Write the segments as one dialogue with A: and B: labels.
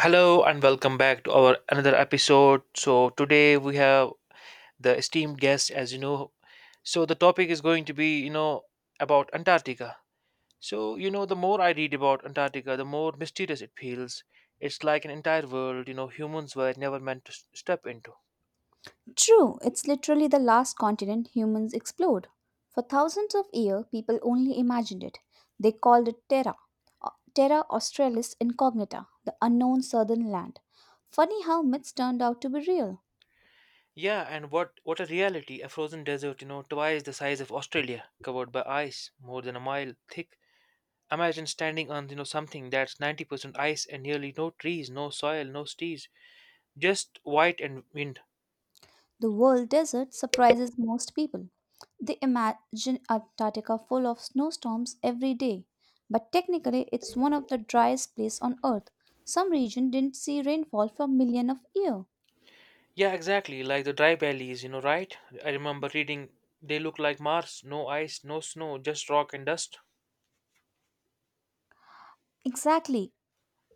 A: Hello and welcome back to our another episode. So today we have the esteemed guest, as you know. So the topic is going to be, about Antarctica. The more I read about Antarctica, the more mysterious it feels. It's like an entire world, humans were never meant to step into.
B: True, it's literally the last continent humans explored. For thousands of years, people only imagined it. They called it Terra Australis Incognita, the unknown southern land. Funny how myths turned out to be real.
A: Yeah, and what a reality! A frozen desert, twice the size of Australia, covered by ice, more than a mile thick. Imagine standing on, something that's 90% ice and nearly no trees, no soil, no trees, just white and wind.
B: The world desert surprises most people. They imagine Antarctica full of snowstorms every day, but technically it's one of the driest places on earth. Some region didn't see rainfall for millions of years.
A: Yeah, exactly, like the dry valleys, right? I remember reading they look like Mars, no ice, no snow, just rock and dust.
B: Exactly.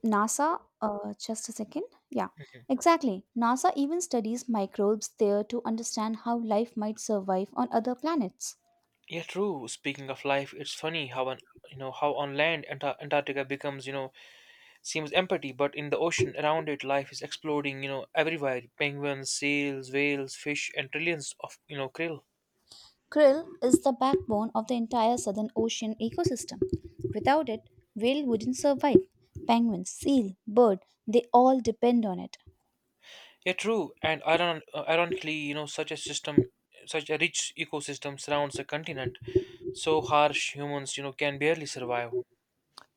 B: NASA, just a second. Yeah, exactly. NASA even studies microbes there to understand how life might survive on other planets.
A: Yeah, true. Speaking of life, it's funny how on how on land Antarctica becomes, seems empty, but in the ocean around it, life is exploding. You know everywhere: penguins, seals, whales, fish, and trillions of, krill.
B: Krill is the backbone of the entire Southern Ocean ecosystem. Without it, whale wouldn't survive. Penguin, seal, bird, they all depend on it.
A: Yeah, true. And ironically, such a system, such a rich ecosystem surrounds the continent, so harsh humans, can barely survive.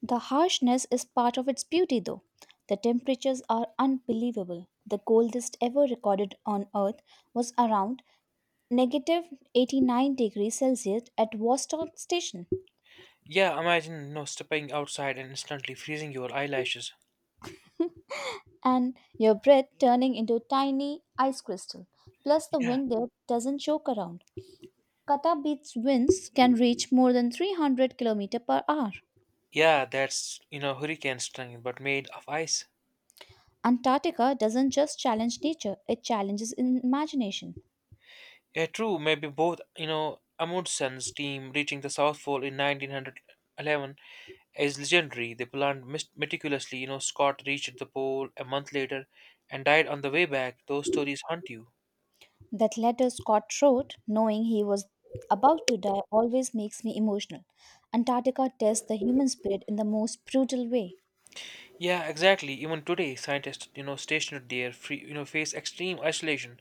B: The harshness is part of its beauty, though. The temperatures are unbelievable. The coldest ever recorded on Earth was around negative 89 degrees Celsius at Vostok station,
A: Yeah, imagine, stepping outside and instantly freezing your eyelashes.
B: and your breath turning into tiny ice crystal. Plus, the
A: Yeah,
B: wind there doesn't joke around. Qatar Beach's winds can reach more than 300 km per hour.
A: yeah, that's, hurricane strength, but made of ice.
B: Antarctica doesn't just challenge nature, it challenges in imagination.
A: Yeah, true. Maybe both, Amundsen's team reaching the South Pole in 1911 is legendary. They planned meticulously. You know, Scott reached the pole a month later and died on the way back. Those stories haunt you.
B: That letter Scott wrote, knowing he was about to die, always makes me emotional. Antarctica tests the human spirit in the most brutal way.
A: Yeah, exactly. Even today, scientists, stationed there, free, face extreme isolation.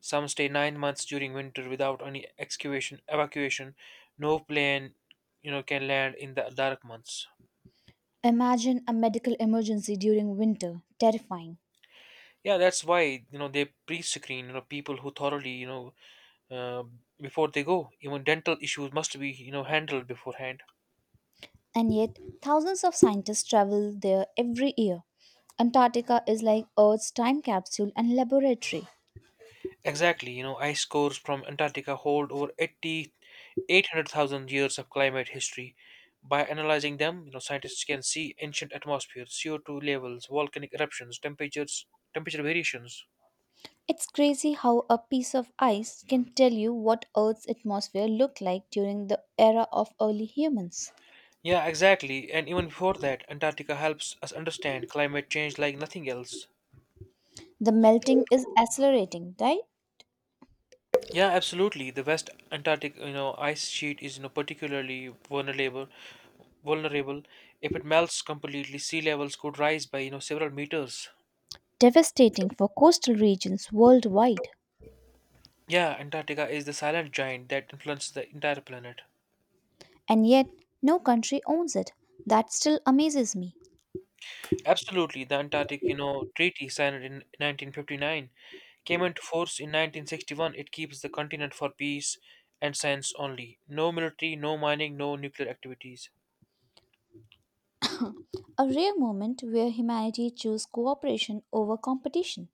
A: Some stay 9 months during winter without any excavation, evacuation. No plane, can land in the dark months.
B: Imagine a medical emergency during winter, terrifying.
A: Yeah, that's why they pre-screen people who thoroughly uh, before they go. Even dental issues must be handled beforehand.
B: And yet, thousands of scientists travel there every year. Antarctica is like Earth's time capsule and laboratory.
A: Exactly, ice cores from Antarctica hold over 80, 800,000 years of climate history. By analyzing them, scientists can see ancient atmospheres, CO2 levels, volcanic eruptions, temperatures, temperature variations.
B: It's crazy how a piece of ice can tell you what Earth's atmosphere looked like during the era of early humans.
A: Yeah, exactly. And even before that, Antarctica helps us understand climate change like nothing else.
B: The melting is accelerating, right?
A: Yeah, absolutely. The West Antarctic, ice sheet is, particularly vulnerable. Vulnerable. If it melts completely, sea levels could rise by, several meters.
B: Devastating for coastal regions worldwide.
A: Yeah, Antarctica is the silent giant that influences the entire planet.
B: And yet, no country owns it. That still amazes me.
A: Absolutely, the Antarctic, treaty signed in 1959 came into force in 1961. It keeps the continent for peace and science only. No military, no mining, no nuclear activities.
B: A rare moment where humanity chose cooperation over competition.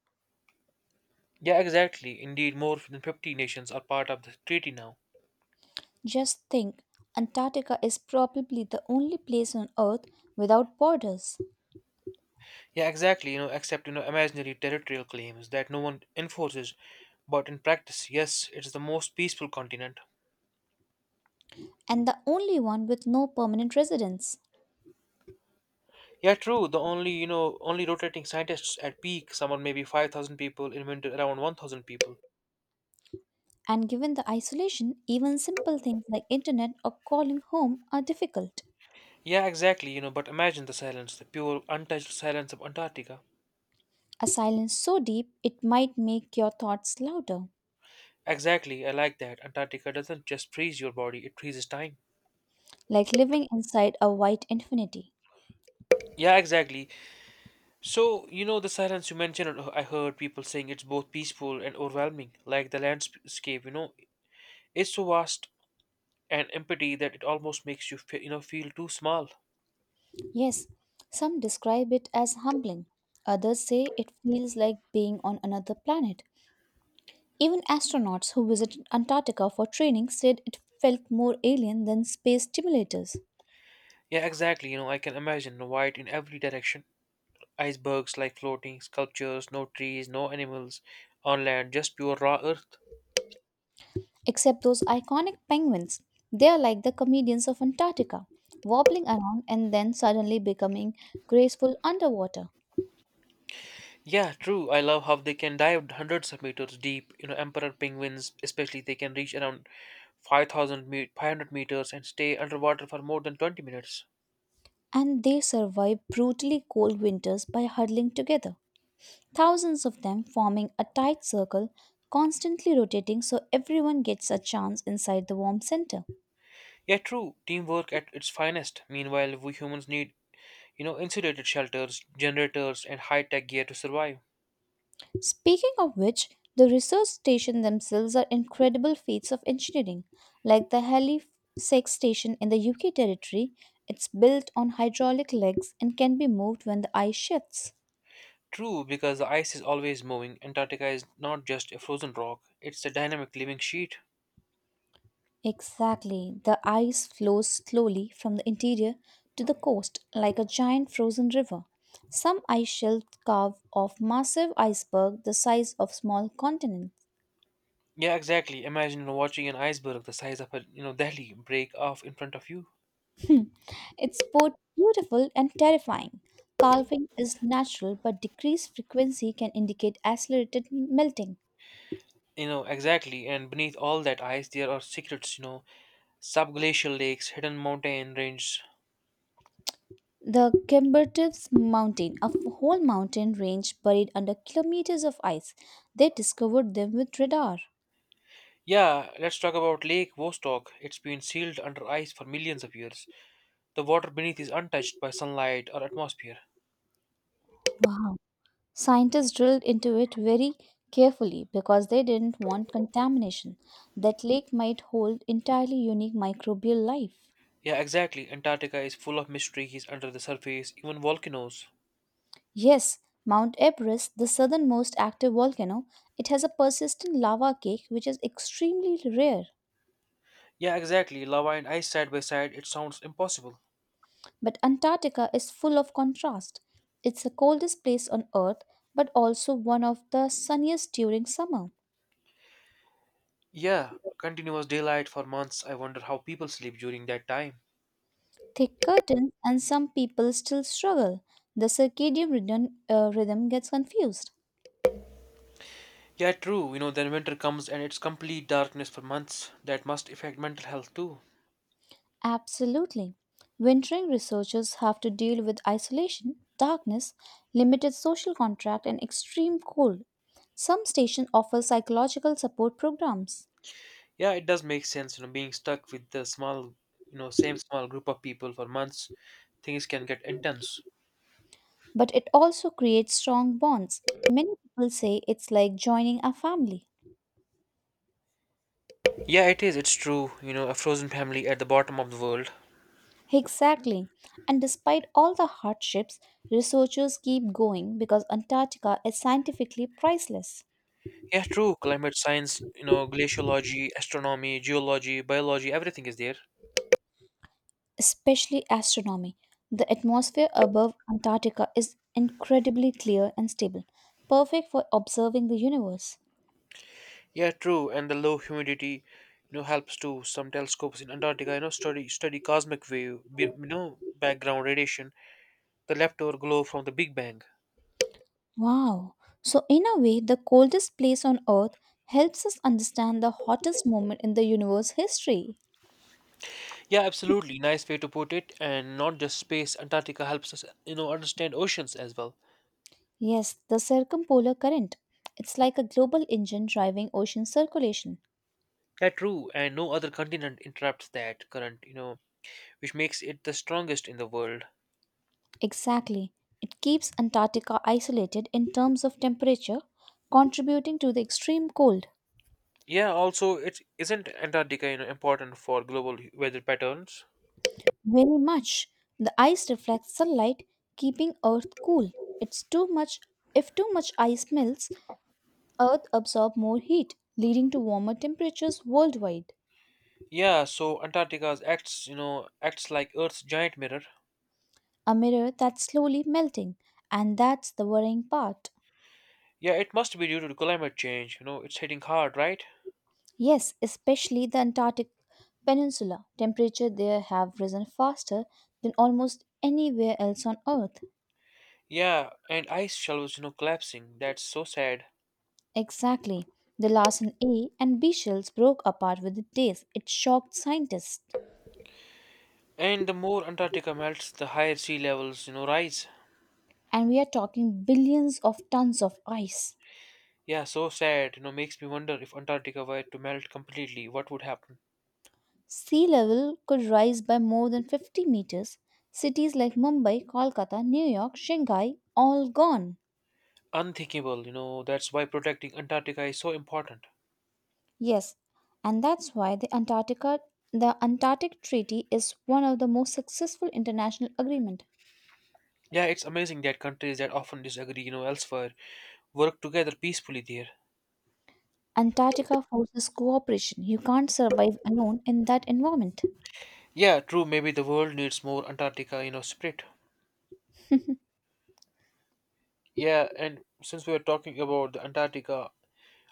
A: Yeah, exactly. Indeed, more than 50 nations are part of the treaty now.
B: Just think, Antarctica is probably the only place on Earth without borders,
A: Yeah, exactly. Except, imaginary territorial claims that no one enforces, but in practice, yes, it's the most peaceful continent.
B: and the only one with no permanent residents.
A: Yeah, true. The only, only rotating scientists at peak, someone maybe 5,000 people in winter, around 1,000 people.
B: And given the isolation, even simple things like internet or calling home are difficult.
A: Yeah, exactly. But imagine the silence, the pure, untouched silence of Antarctica.
B: A silence so deep it might make your thoughts louder,
A: Exactly, I like that. Antarctica doesn't just freeze your body; it freezes time.
B: like living inside a white infinity.
A: Yeah, exactly. So, the silence you mentioned, I heard people saying it's both peaceful and overwhelming, like the landscape, it's so vast and empty that it almost makes you fe- you know feel too small.
B: Yes, some describe it as humbling. Others say it feels like being on another planet. Even astronauts who visited Antarctica for training said it felt more alien than space stimulators.
A: Yeah, exactly. I can imagine white in every direction. Icebergs like floating sculptures, no trees, no animals on land, just pure raw earth.
B: Except those iconic penguins. They are like the comedians of Antarctica, wobbling around and then suddenly becoming graceful underwater.
A: Yeah, true. I love how they can dive hundreds of meters deep. You know, emperor penguins, especially, they can reach around 500 meters and stay underwater for more than 20 minutes.
B: And they survive brutally cold winters by huddling together, thousands of them forming a tight circle, constantly rotating so everyone gets a chance inside the warm center.
A: Yeah, true. Teamwork at its finest. Meanwhile, we humans need, insulated shelters, generators, and high tech gear to survive.
B: Speaking of which, the research stations themselves are incredible feats of engineering. Like the Halifax station in the UK territory, it's built on hydraulic legs and can be moved when the ice shifts.
A: True, because the ice is always moving, Antarctica is not just a frozen rock, it's a dynamic living sheet.
B: Exactly. The ice flows slowly from the interior to the coast like a giant frozen river. Some ice shelves carve off massive icebergs the size of small continents.
A: Yeah, exactly. Imagine watching an iceberg the size of a Delhi break off in front of you.
B: It's both beautiful and terrifying. Carving is natural, but decreased frequency can indicate accelerated melting.
A: Exactly, and beneath all that ice there are secrets, subglacial lakes, hidden mountain ranges.
B: The Kimbertips Mountain, whole mountain range buried under kilometers of ice, they discovered them with radar.
A: Yeah, let's talk about Lake Vostok. It's been sealed under ice for millions of years. The water beneath is untouched by sunlight or atmosphere.
B: Wow. Scientists drilled into it very carefully because they didn't want contamination. That lake might hold entirely unique microbial life.
A: Yeah, exactly. Antarctica is full of mysteries under the surface, even volcanoes.
B: Yes, Mount Everest, the southernmost active volcano, it has a persistent lava cake which is extremely rare.
A: Yeah, exactly. Lava and ice side by side, it sounds impossible.
B: But Antarctica is full of contrast. It's the coldest place on Earth, but also one of the sunniest during summer.
A: Yeah, continuous daylight for months. I wonder how people sleep during that time.
B: Thick curtains, and some people still struggle. The circadian rhythm gets confused.
A: Yeah, true. Then winter comes and it's complete darkness for months. That must affect mental health too.
B: Absolutely. Wintering researchers have to deal with isolation, darkness, limited social contact, and extreme cold. Some stations offer psychological support programs,
A: Yeah, it does make sense. Being stuck with the small, same small group of people for months, things can get intense.
B: but it also creates strong bonds. Many people say it's like joining a family.
A: Yeah, it is. It's true. A frozen family at the bottom of the world.
B: Exactly. And despite all the hardships, researchers keep going because Antarctica is scientifically priceless,
A: Yeah, true. Climate science, glaciology, astronomy, geology, biology, everything is there.
B: especially astronomy. The atmosphere above Antarctica is incredibly clear and stable, perfect for observing the universe.
A: Yeah, true. And the low humidity, helps too. Some telescopes in Antarctica, study cosmic wave, background radiation, the leftover glow from the Big Bang.
B: Wow! So, in a way, the coldest place on Earth helps us understand the hottest moment in the universe history.
A: Yeah, absolutely. Nice way to put it. And not just space. Antarctica helps us, understand oceans as well.
B: Yes, the circumpolar current. It's like a global engine driving ocean circulation.
A: Yeah, true. And no other continent interrupts that current, which makes it the strongest in the world.
B: Exactly. It keeps Antarctica isolated in terms of temperature, contributing to the extreme cold.
A: Yeah, also, it isn't Antarctica, important for global weather patterns.
B: Very much. The ice reflects sunlight, keeping Earth cool. It's too much if too much ice melts, Earth absorbs more heat, leading to warmer temperatures worldwide.
A: Yeah, so Antarctica's acts, acts like Earth's giant mirror.
B: A mirror that's slowly melting, and that's the worrying part.
A: Yeah, it must be due to climate change. You know, it's hitting hard, right?
B: Yes, especially the Antarctic Peninsula. Temperature there have risen faster than almost anywhere else on Earth.
A: Yeah, and ice shelves, collapsing. That's so sad.
B: Exactly. The Larsen A and B shells broke apart within days. It shocked scientists,
A: And the more Antarctica melts, the higher sea levels, rise.
B: and we are talking billions of tons of ice.
A: Yeah, so sad. Makes me wonder if Antarctica were to melt completely, what would happen?
B: Sea level could rise by more than 50 meters. Cities like Mumbai, Kolkata, New York, Shanghai, all gone.
A: Unthinkable, you know. That's why protecting Antarctica is so important.
B: Yes, and that's why the Antarctic Treaty is one of the most successful international agreement.
A: Yeah, it's amazing that countries that often disagree, elsewhere work together peacefully there.
B: Antarctica forces cooperation. You can't survive alone in that environment.
A: Yeah, true, maybe the world needs more Antarctica, spirit. Yeah, and since we are talking about the Antarctica,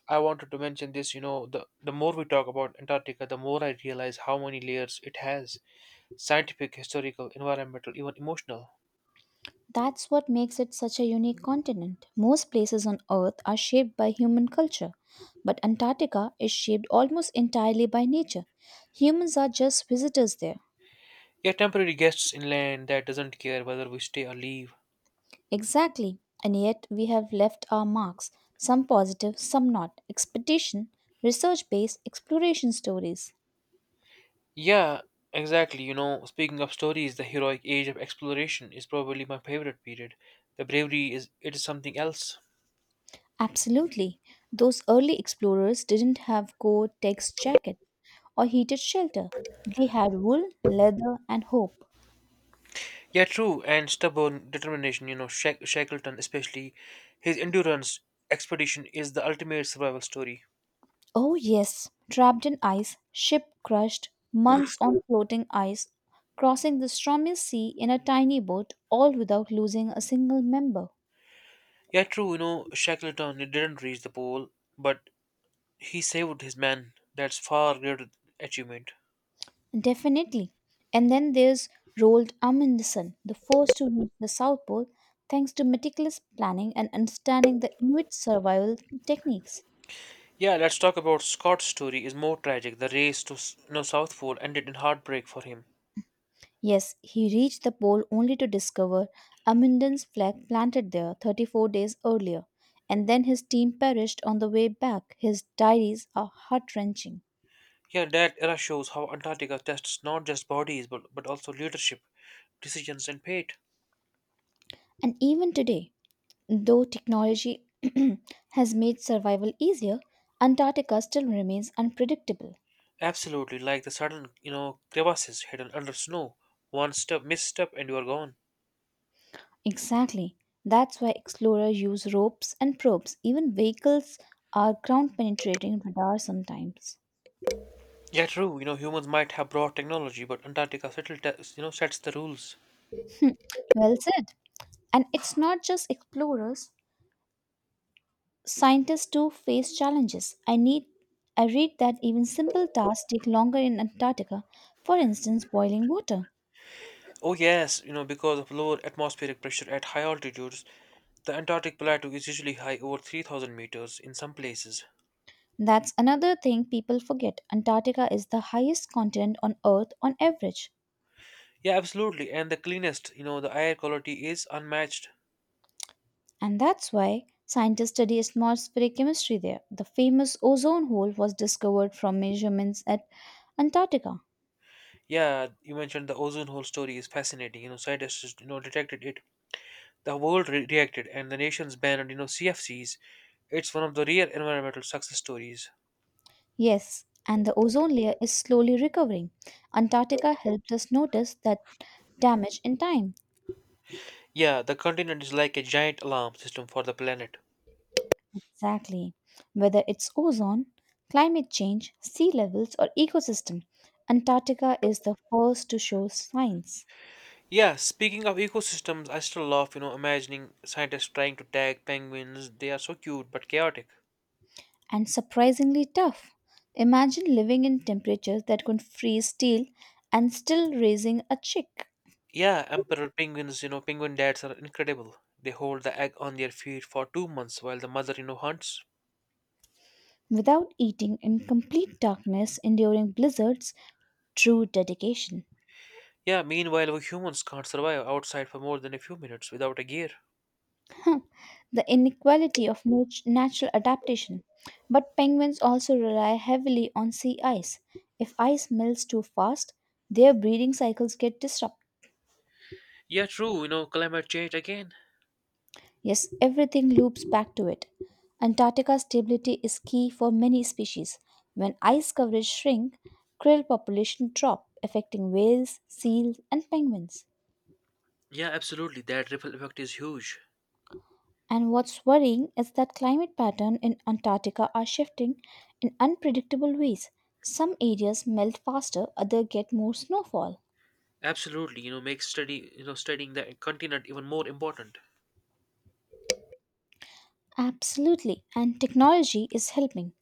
A: I wanted to mention this, you know, the more we talk about Antarctica, the more I realize how many layers it has. Scientific, historical, environmental, even emotional.
B: That's what makes it such a unique continent. Most places on Earth are shaped by human culture, but Antarctica is shaped almost entirely by nature. Humans are just visitors there.
A: Yeah, temporary guests inland that doesn't care whether we stay or leave.
B: Exactly, and yet we have left our marks, some positive, some not. Expedition, research based exploration stories.
A: Yeah, exactly. Speaking of stories, the heroic age of exploration is probably my favorite period. The bravery is it is something else.
B: Absolutely, those early explorers didn't have Gore Tex jacket or heated shelter, they had wool, leather, and hope.
A: Yeah, true, and stubborn determination. You know, Shackleton, especially his endurance expedition, is the ultimate survival story.
B: Oh, yes, trapped in ice, ship crushed, months on floating ice, crossing the stormy sea in a tiny boat, all without losing a single member.
A: Yeah, true. You know, Shackleton he didn't reach the pole, but he saved his man. That's far greater achievement.
B: Definitely. And then there's Roald Amundsen, the first to reach the South Pole thanks to meticulous planning and understanding the Inuit survival techniques.
A: Yeah, let's talk about Scott's story. Is more tragic. The race to South Pole ended in heartbreak for him.
B: Yes, he reached the pole only to discover Amundsen's flag planted there 34 days earlier, and then his team perished on the way back. His diaries are heart wrenching.
A: Yeah, that era shows how Antarctica tests not just bodies but also leadership, decisions, and fate.
B: And even today, though technology has made survival easier, Antarctica still remains unpredictable.
A: Absolutely, like the sudden, crevasses hidden under snow. One step, misstep, and you are gone.
B: Exactly. That's why explorers use ropes and probes. Even vehicles are ground penetrating radar sometimes.
A: Yeah, true. Humans might have brought technology, but Antarctica still, sets the rules.
B: Well said. And it's not just explorers. Scientists too face challenges. I read that even simple tasks take longer in Antarctica, for instance, boiling water.
A: Oh yes, because of lower atmospheric pressure at high altitudes, the Antarctic plateau is usually high over 3,000 meters in some places.
B: That's another thing people forget. Antarctica is the highest continent on Earth on average,
A: Yeah, absolutely. And the cleanest, the air quality is unmatched.
B: and that's why scientists study atmospheric chemistry there. The famous ozone hole was discovered from measurements at Antarctica.
A: Yeah, you mentioned the ozone hole story is fascinating. You know, scientists detected it. The world reacted, and the nations banned CFCs. It's one of the rare environmental success stories.
B: Yes, and the ozone layer is slowly recovering. Antarctica helped us notice that damage in time.
A: Yeah, the continent is like a giant alarm system for the planet.
B: Exactly. Whether it's ozone, climate change, sea levels, or ecosystem, Antarctica is the first to show signs.
A: Yeah, speaking of ecosystems, I still love imagining scientists trying to tag penguins. They are so cute but chaotic.
B: And surprisingly tough. Imagine living in temperatures that could freeze steel and still raising a chick.
A: Yeah, emperor penguins. You know, penguin dads are incredible. They hold the egg on their feet for 2 months while the mother hunts.
B: Without eating in complete darkness, enduring blizzards, true dedication.
A: Yeah, meanwhile, we humans can't survive outside for more than a few minutes without a gear.
B: The inequality of natural adaptation. But penguins also rely heavily on sea ice. If ice melts too fast, their breeding cycles get disrupted.
A: Yeah, true, climate change again.
B: Yes, everything loops back to it. Antarctica's stability is key for many species. When ice coverage shrink, krill population drop, affecting whales, seals, and penguins.
A: Yeah, absolutely, that ripple effect is huge.
B: And what's worrying is that climate patterns in Antarctica are shifting in unpredictable ways. Some areas melt faster, others get more snowfall.
A: Absolutely, you know, makes study, you know, studying the continent even more important.
B: Absolutely, and technology is helping.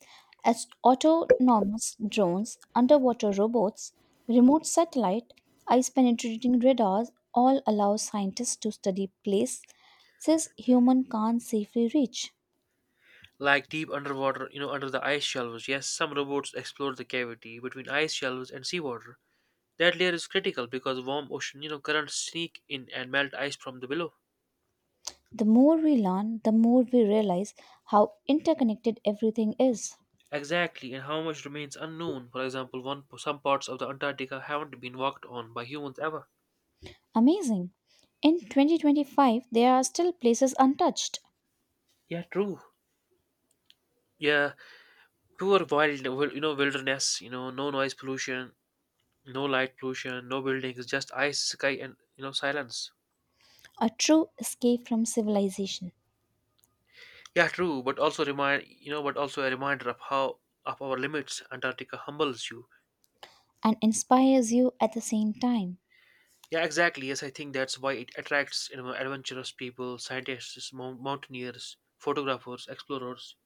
B: As autonomous drones, underwater robots, remote satellite, ice penetrating radars all allow scientists to study places human can't safely reach.
A: Like deep underwater, under the ice shelves. Yes, some robots explore the cavity between ice shelves and seawater. That layer is critical because warm ocean, currents sneak in and melt ice from the below.
B: The more we learn, the more we realize how interconnected everything is.
A: Exactly, and how much remains unknown. For example, one some parts of the Antarctica haven't been walked on by humans ever.
B: Amazing. In 2025, there are still places untouched,
A: Yeah, true. Yeah, pure wild, wilderness. You know, no noise pollution, no light pollution, no buildings, just ice, sky, and, silence.
B: a true escape from civilization,
A: Yeah, true. But also a reminder of how of our limits. Antarctica humbles you.
B: and inspires you at the same time.
A: Yeah, exactly. Yes, I think that's why it attracts, adventurous people, scientists, mountaineers, photographers, explorers.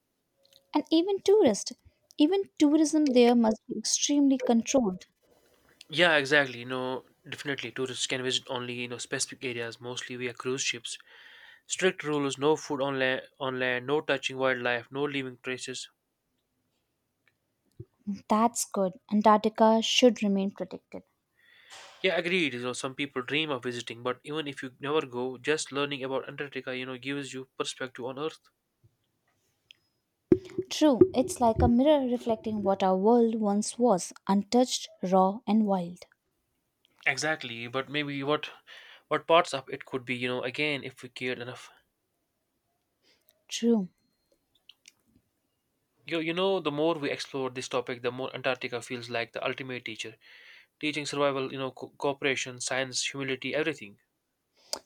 B: And even tourist, even tourism there must be extremely controlled.
A: Yeah, exactly. Definitely tourists can visit only specific areas. Mostly via cruise ships. Strict rules, no food on land, no touching wildlife, no leaving traces.
B: That's good. Antarctica should remain protected.
A: Yeah, agreed. Some people dream of visiting, but even if you never go, just learning about Antarctica, gives you perspective on Earth.
B: True, it's like a mirror reflecting what our world once was untouched, raw, and wild.
A: Exactly, but maybe what parts of it could be, again if we cared enough.
B: True,
A: The more we explore this topic, the more Antarctica feels like the ultimate teacher, teaching survival, cooperation, science, humility, everything.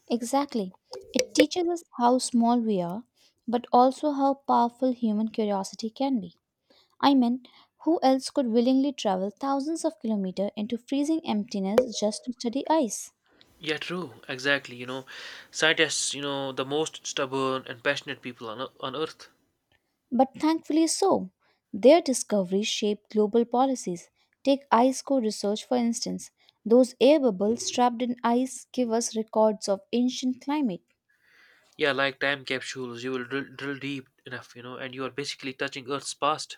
B: exactly. It teaches us how small we are, but also how powerful human curiosity can be. I mean, who else could willingly travel thousands of kilometers into freezing emptiness just to study ice?
A: Yeah, true, exactly. Scientists, the most stubborn and passionate people on Earth.
B: But thankfully so. Their discoveries shaped global policies. Take ice core research for instance. Those air bubbles trapped in ice give us records of ancient climate.
A: Yeah, like time capsules, you will drill deep enough, and you are basically touching Earth's past.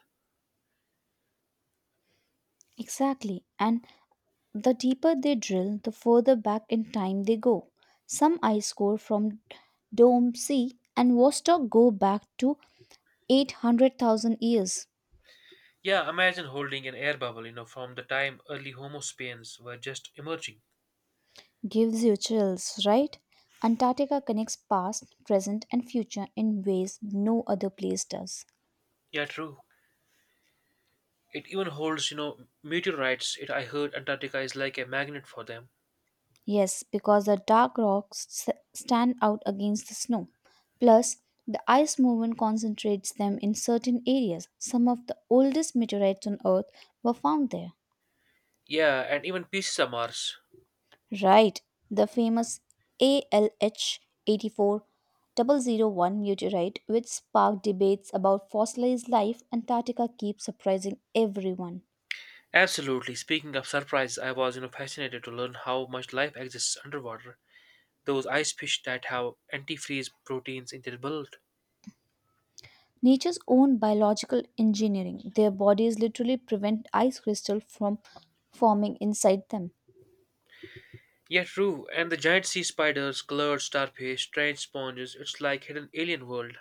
B: Exactly. And the deeper they drill, the further back in time they go. Some ice core from Dome C and Vostok go back to 800,000 years.
A: Yeah, imagine holding an air bubble, from the time early Homo sapiens were just emerging.
B: Gives you chills, right? Antarctica connects past, present, and future in ways no other place does.
A: Yeah, true. It even holds, meteorites. It I heard Antarctica is like a magnet for them.
B: Yes, because the dark rocks stand out against the snow. Plus, the ice movement concentrates them in certain areas. Some of the oldest meteorites on Earth were found there.
A: Yeah, and even pieces of Mars.
B: Right, the famous ALH 84 double 01 meteorite, which sparked debates about fossilized life, Antarctica keeps surprising everyone.
A: Absolutely. Speaking of surprise, I was, fascinated to learn how much life exists underwater. Those ice fish that have antifreeze proteins in their blood.
B: Nature's own biological engineering. Their bodies literally prevent ice crystal from forming inside them.
A: Yeah, true. And the giant sea spiders, colored starfish, strange sponges, it's like hidden alien world.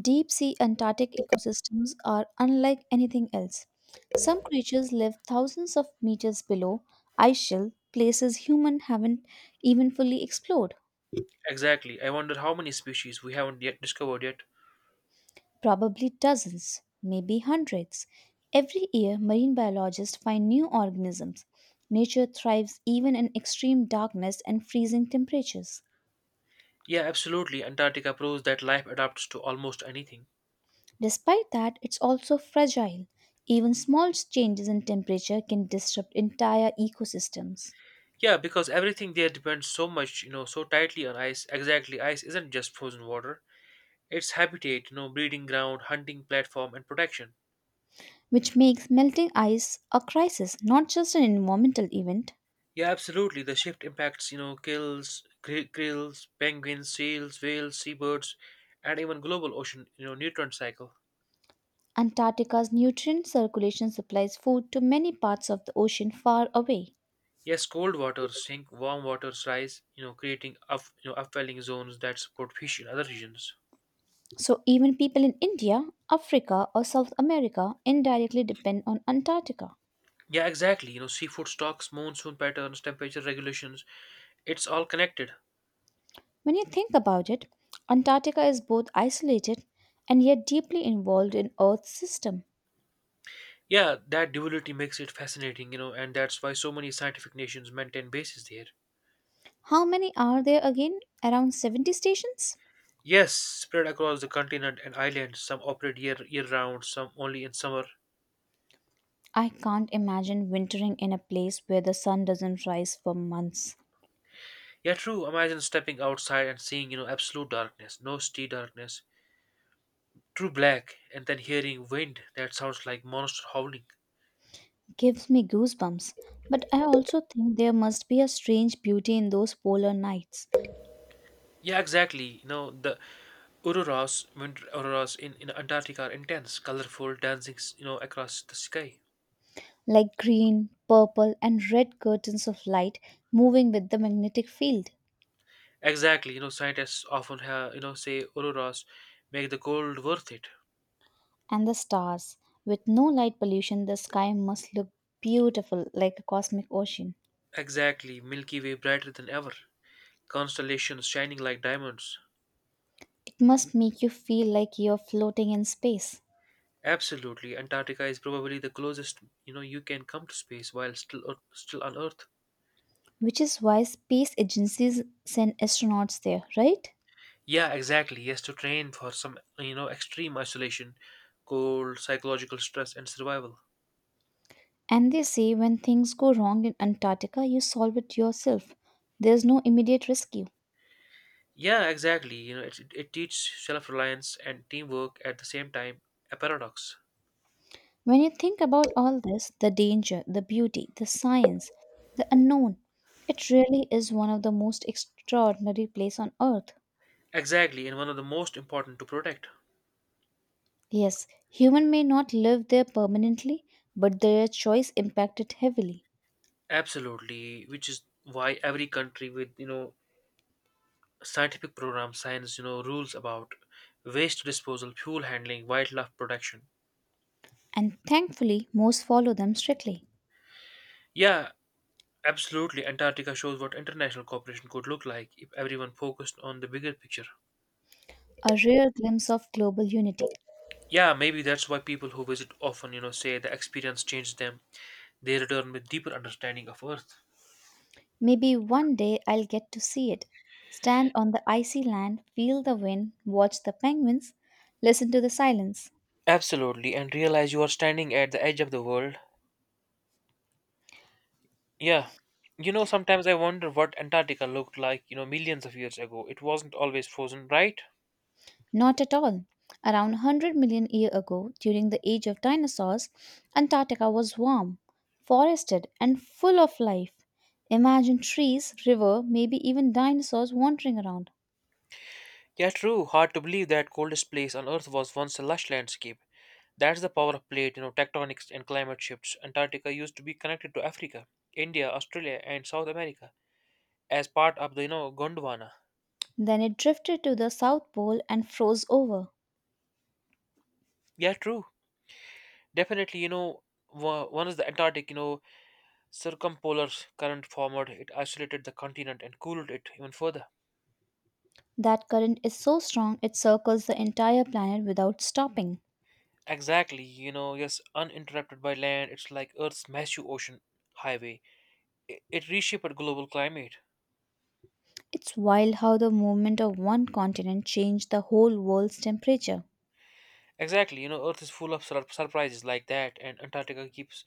B: Deep sea Antarctic ecosystems are unlike anything else. Some creatures live thousands of meters below ice shell, places humans haven't even fully explored,
A: Exactly. I wonder how many species we haven't yet discovered yet.
B: probably dozens, maybe hundreds. Every year, marine biologists find new organisms. Nature thrives even in extreme darkness and freezing temperatures.
A: Yeah, absolutely. Antarctica proves that life adapts to almost anything.
B: Despite that, it's also fragile. Even small changes in temperature can disrupt entire ecosystems,
A: Yeah, because everything there depends so much, so tightly on ice. Exactly. Ice isn't just frozen water. It's habitat, breeding ground, hunting platform and protection.
B: which makes melting ice a crisis, not just an environmental event.
A: Yeah, absolutely. The shift impacts, kills, grills, penguins, seals, whales, seabirds, and even global ocean, nutrient cycle.
B: Antarctica's nutrient circulation supplies food to many parts of the ocean far away.
A: Yes, cold waters sink, warm waters rise, creating upwelling zones that support fish in other regions.
B: So, even people in India, Africa, or South America indirectly depend on Antarctica.
A: Yeah, exactly. Seafood stocks, monsoon patterns, temperature regulations, it's all connected.
B: When you think about it, Antarctica is both isolated and yet deeply involved in Earth's system.
A: Yeah, that duality makes it fascinating, and that's why so many scientific nations maintain bases there.
B: How many are there again? Around 70 stations?
A: Yes, spread across the continent and islands, some operate year round, some only in summer.
B: I can't imagine wintering in a place where the sun doesn't rise for months.
A: Yeah, true. Imagine stepping outside and seeing, absolute darkness, no sea darkness, true black and then hearing wind that sounds like monster howling.
B: Gives me goosebumps. But I also think there must be a strange beauty in those polar nights,
A: Yeah, exactly. The auroras, winter auroras in Antarctica are intense, colorful, dancing across the sky.
B: like green, purple, and red curtains of light moving with the magnetic field.
A: Exactly. Scientists often have you know say auroras make the cold worth it.
B: And the stars. With no light pollution, the sky must look beautiful like a cosmic ocean.
A: Exactly, Milky Way brighter than ever, constellations shining like diamonds.
B: It must make you feel like you're floating in space.
A: Absolutely, Antarctica is probably the closest you can come to space while still on Earth.
B: Which is why space agencies send astronauts there, right?
A: Yeah, exactly. He has to train for some, extreme isolation, cold, psychological stress, and survival.
B: And they say when things go wrong in Antarctica, you solve it yourself. There's no immediate rescue.
A: Yeah, exactly. It teaches self-reliance and teamwork at the same time, a paradox.
B: When you think about all this the danger, the beauty, the science, the unknown it really is one of the most extraordinary place on earth.
A: Exactly, and one of the most important to protect.
B: Yes, human may not live there permanently, but their choice impacted heavily.
A: Absolutely, which is why every country with, scientific program signs rules about waste disposal, fuel handling, wildlife protection.
B: And thankfully, most follow them strictly.
A: Yeah, absolutely. Antarctica shows what international cooperation could look like if everyone focused on the bigger picture.
B: A rare glimpse of global unity.
A: Yeah, maybe that's why people who visit often, say the experience changed them. They return with deeper understanding of Earth.
B: Maybe one day I'll get to see it. Stand on the icy land, feel the wind, watch the penguins, listen to the silence.
A: Absolutely, and realize you are standing at the edge of the world. Yeah. Sometimes I wonder what Antarctica looked like, millions of years ago. It wasn't always frozen, right?
B: Not at all. Around 100 million years ago, during the age of dinosaurs, Antarctica was warm, forested, and full of life. Imagine trees, river, maybe even dinosaurs wandering around.
A: Yeah, true. Hard to believe that coldest place on Earth was once a lush landscape. That's the power of plate, tectonics and climate shifts. Antarctica used to be connected to Africa, India, Australia, and South America as part of the, Gondwana.
B: Then it drifted to the South Pole and froze over.
A: Yeah, true. Definitely, one is the Antarctic, circumpolar current formed, it isolated the continent and cooled it even further.
B: That current is so strong it circles the entire planet without stopping.
A: Exactly, yes, uninterrupted by land, it's like Earth's massive ocean highway. It reshaped global climate.
B: It's wild how the movement of one continent changed the whole world's temperature.
A: Exactly, Earth is full of surprises like that, and Antarctica keeps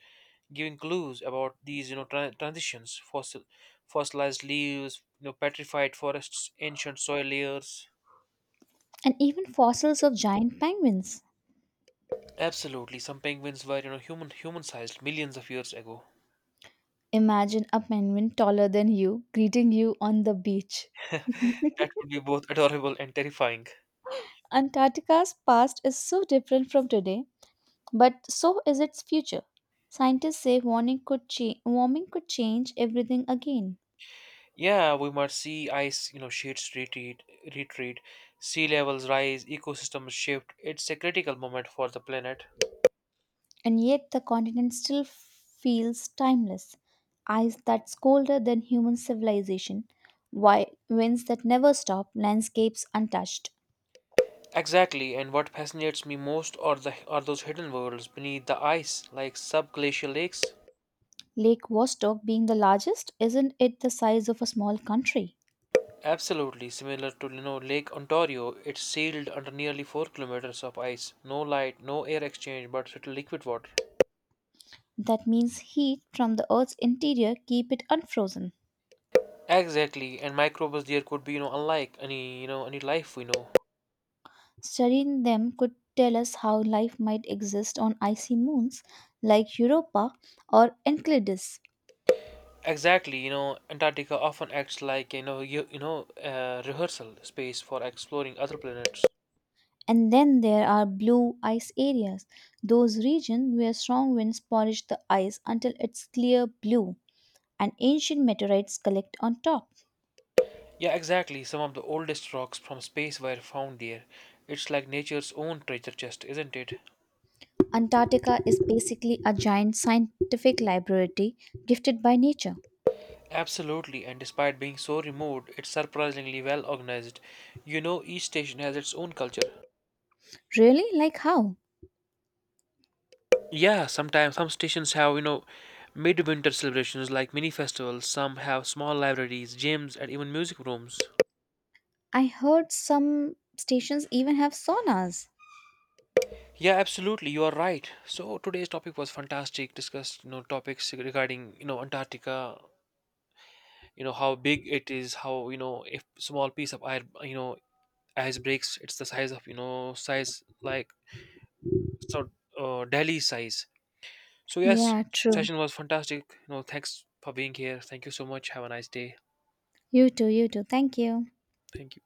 A: giving clues about these, transitions, fossilized leaves, petrified forests, ancient soil layers.
B: And even fossils of giant penguins.
A: Absolutely. Some penguins were, human-sized millions of years ago.
B: Imagine a penguin taller than you greeting you on the beach.
A: That would be both adorable and terrifying.
B: Antarctica's past is so different from today, but so is its future. Scientists say warming could change everything again.
A: Yeah, we might see ice, sheets retreat, sea levels rise, ecosystems shift. It's a critical moment for the planet.
B: And yet the continent still feels timeless. Eyes that's colder than human civilization, winds that never stop, landscapes untouched.
A: Exactly, and what fascinates me most are those hidden worlds beneath the ice, like subglacial lakes.
B: Lake Vostok being the largest, isn't it the size of a small country?
A: Absolutely, similar to Lake Ontario, it's sealed under nearly 4 km of ice. No light, no air exchange, but little liquid water.
B: That means heat from the Earth's interior keep it unfrozen.
A: Exactly, and microbes there could be, unlike any life we know.
B: Studying them could tell us how life might exist on icy moons like Europa or Enceladus.
A: Exactly, Antarctica often acts like, rehearsal space for exploring other planets.
B: And then there are blue ice areas, those regions where strong winds polish the ice until it's clear blue and ancient meteorites collect on top.
A: Yeah, exactly. Some of the oldest rocks from space were found there. It's like nature's own treasure chest, isn't it?
B: Antarctica is basically a giant scientific laboratory gifted by nature.
A: Absolutely, and despite being so remote, it's surprisingly well organized. Each station has its own culture.
B: Really? Like how?
A: Yeah, sometimes some stations have, midwinter celebrations like mini festivals, some have small libraries, gyms, and even music rooms.
B: I heard some stations even have saunas.
A: Yeah, absolutely, you are right. So today's topic was fantastic. Discussed, topics regarding, Antarctica, how big it is, how, if small piece of ice ice breaks, it's the size of, size like so Delhi size. So yes,
B: Yeah, true.
A: session was fantastic. Thanks for being here. Thank you so much. Have a nice day.
B: You too, you too. Thank you.
A: Thank you.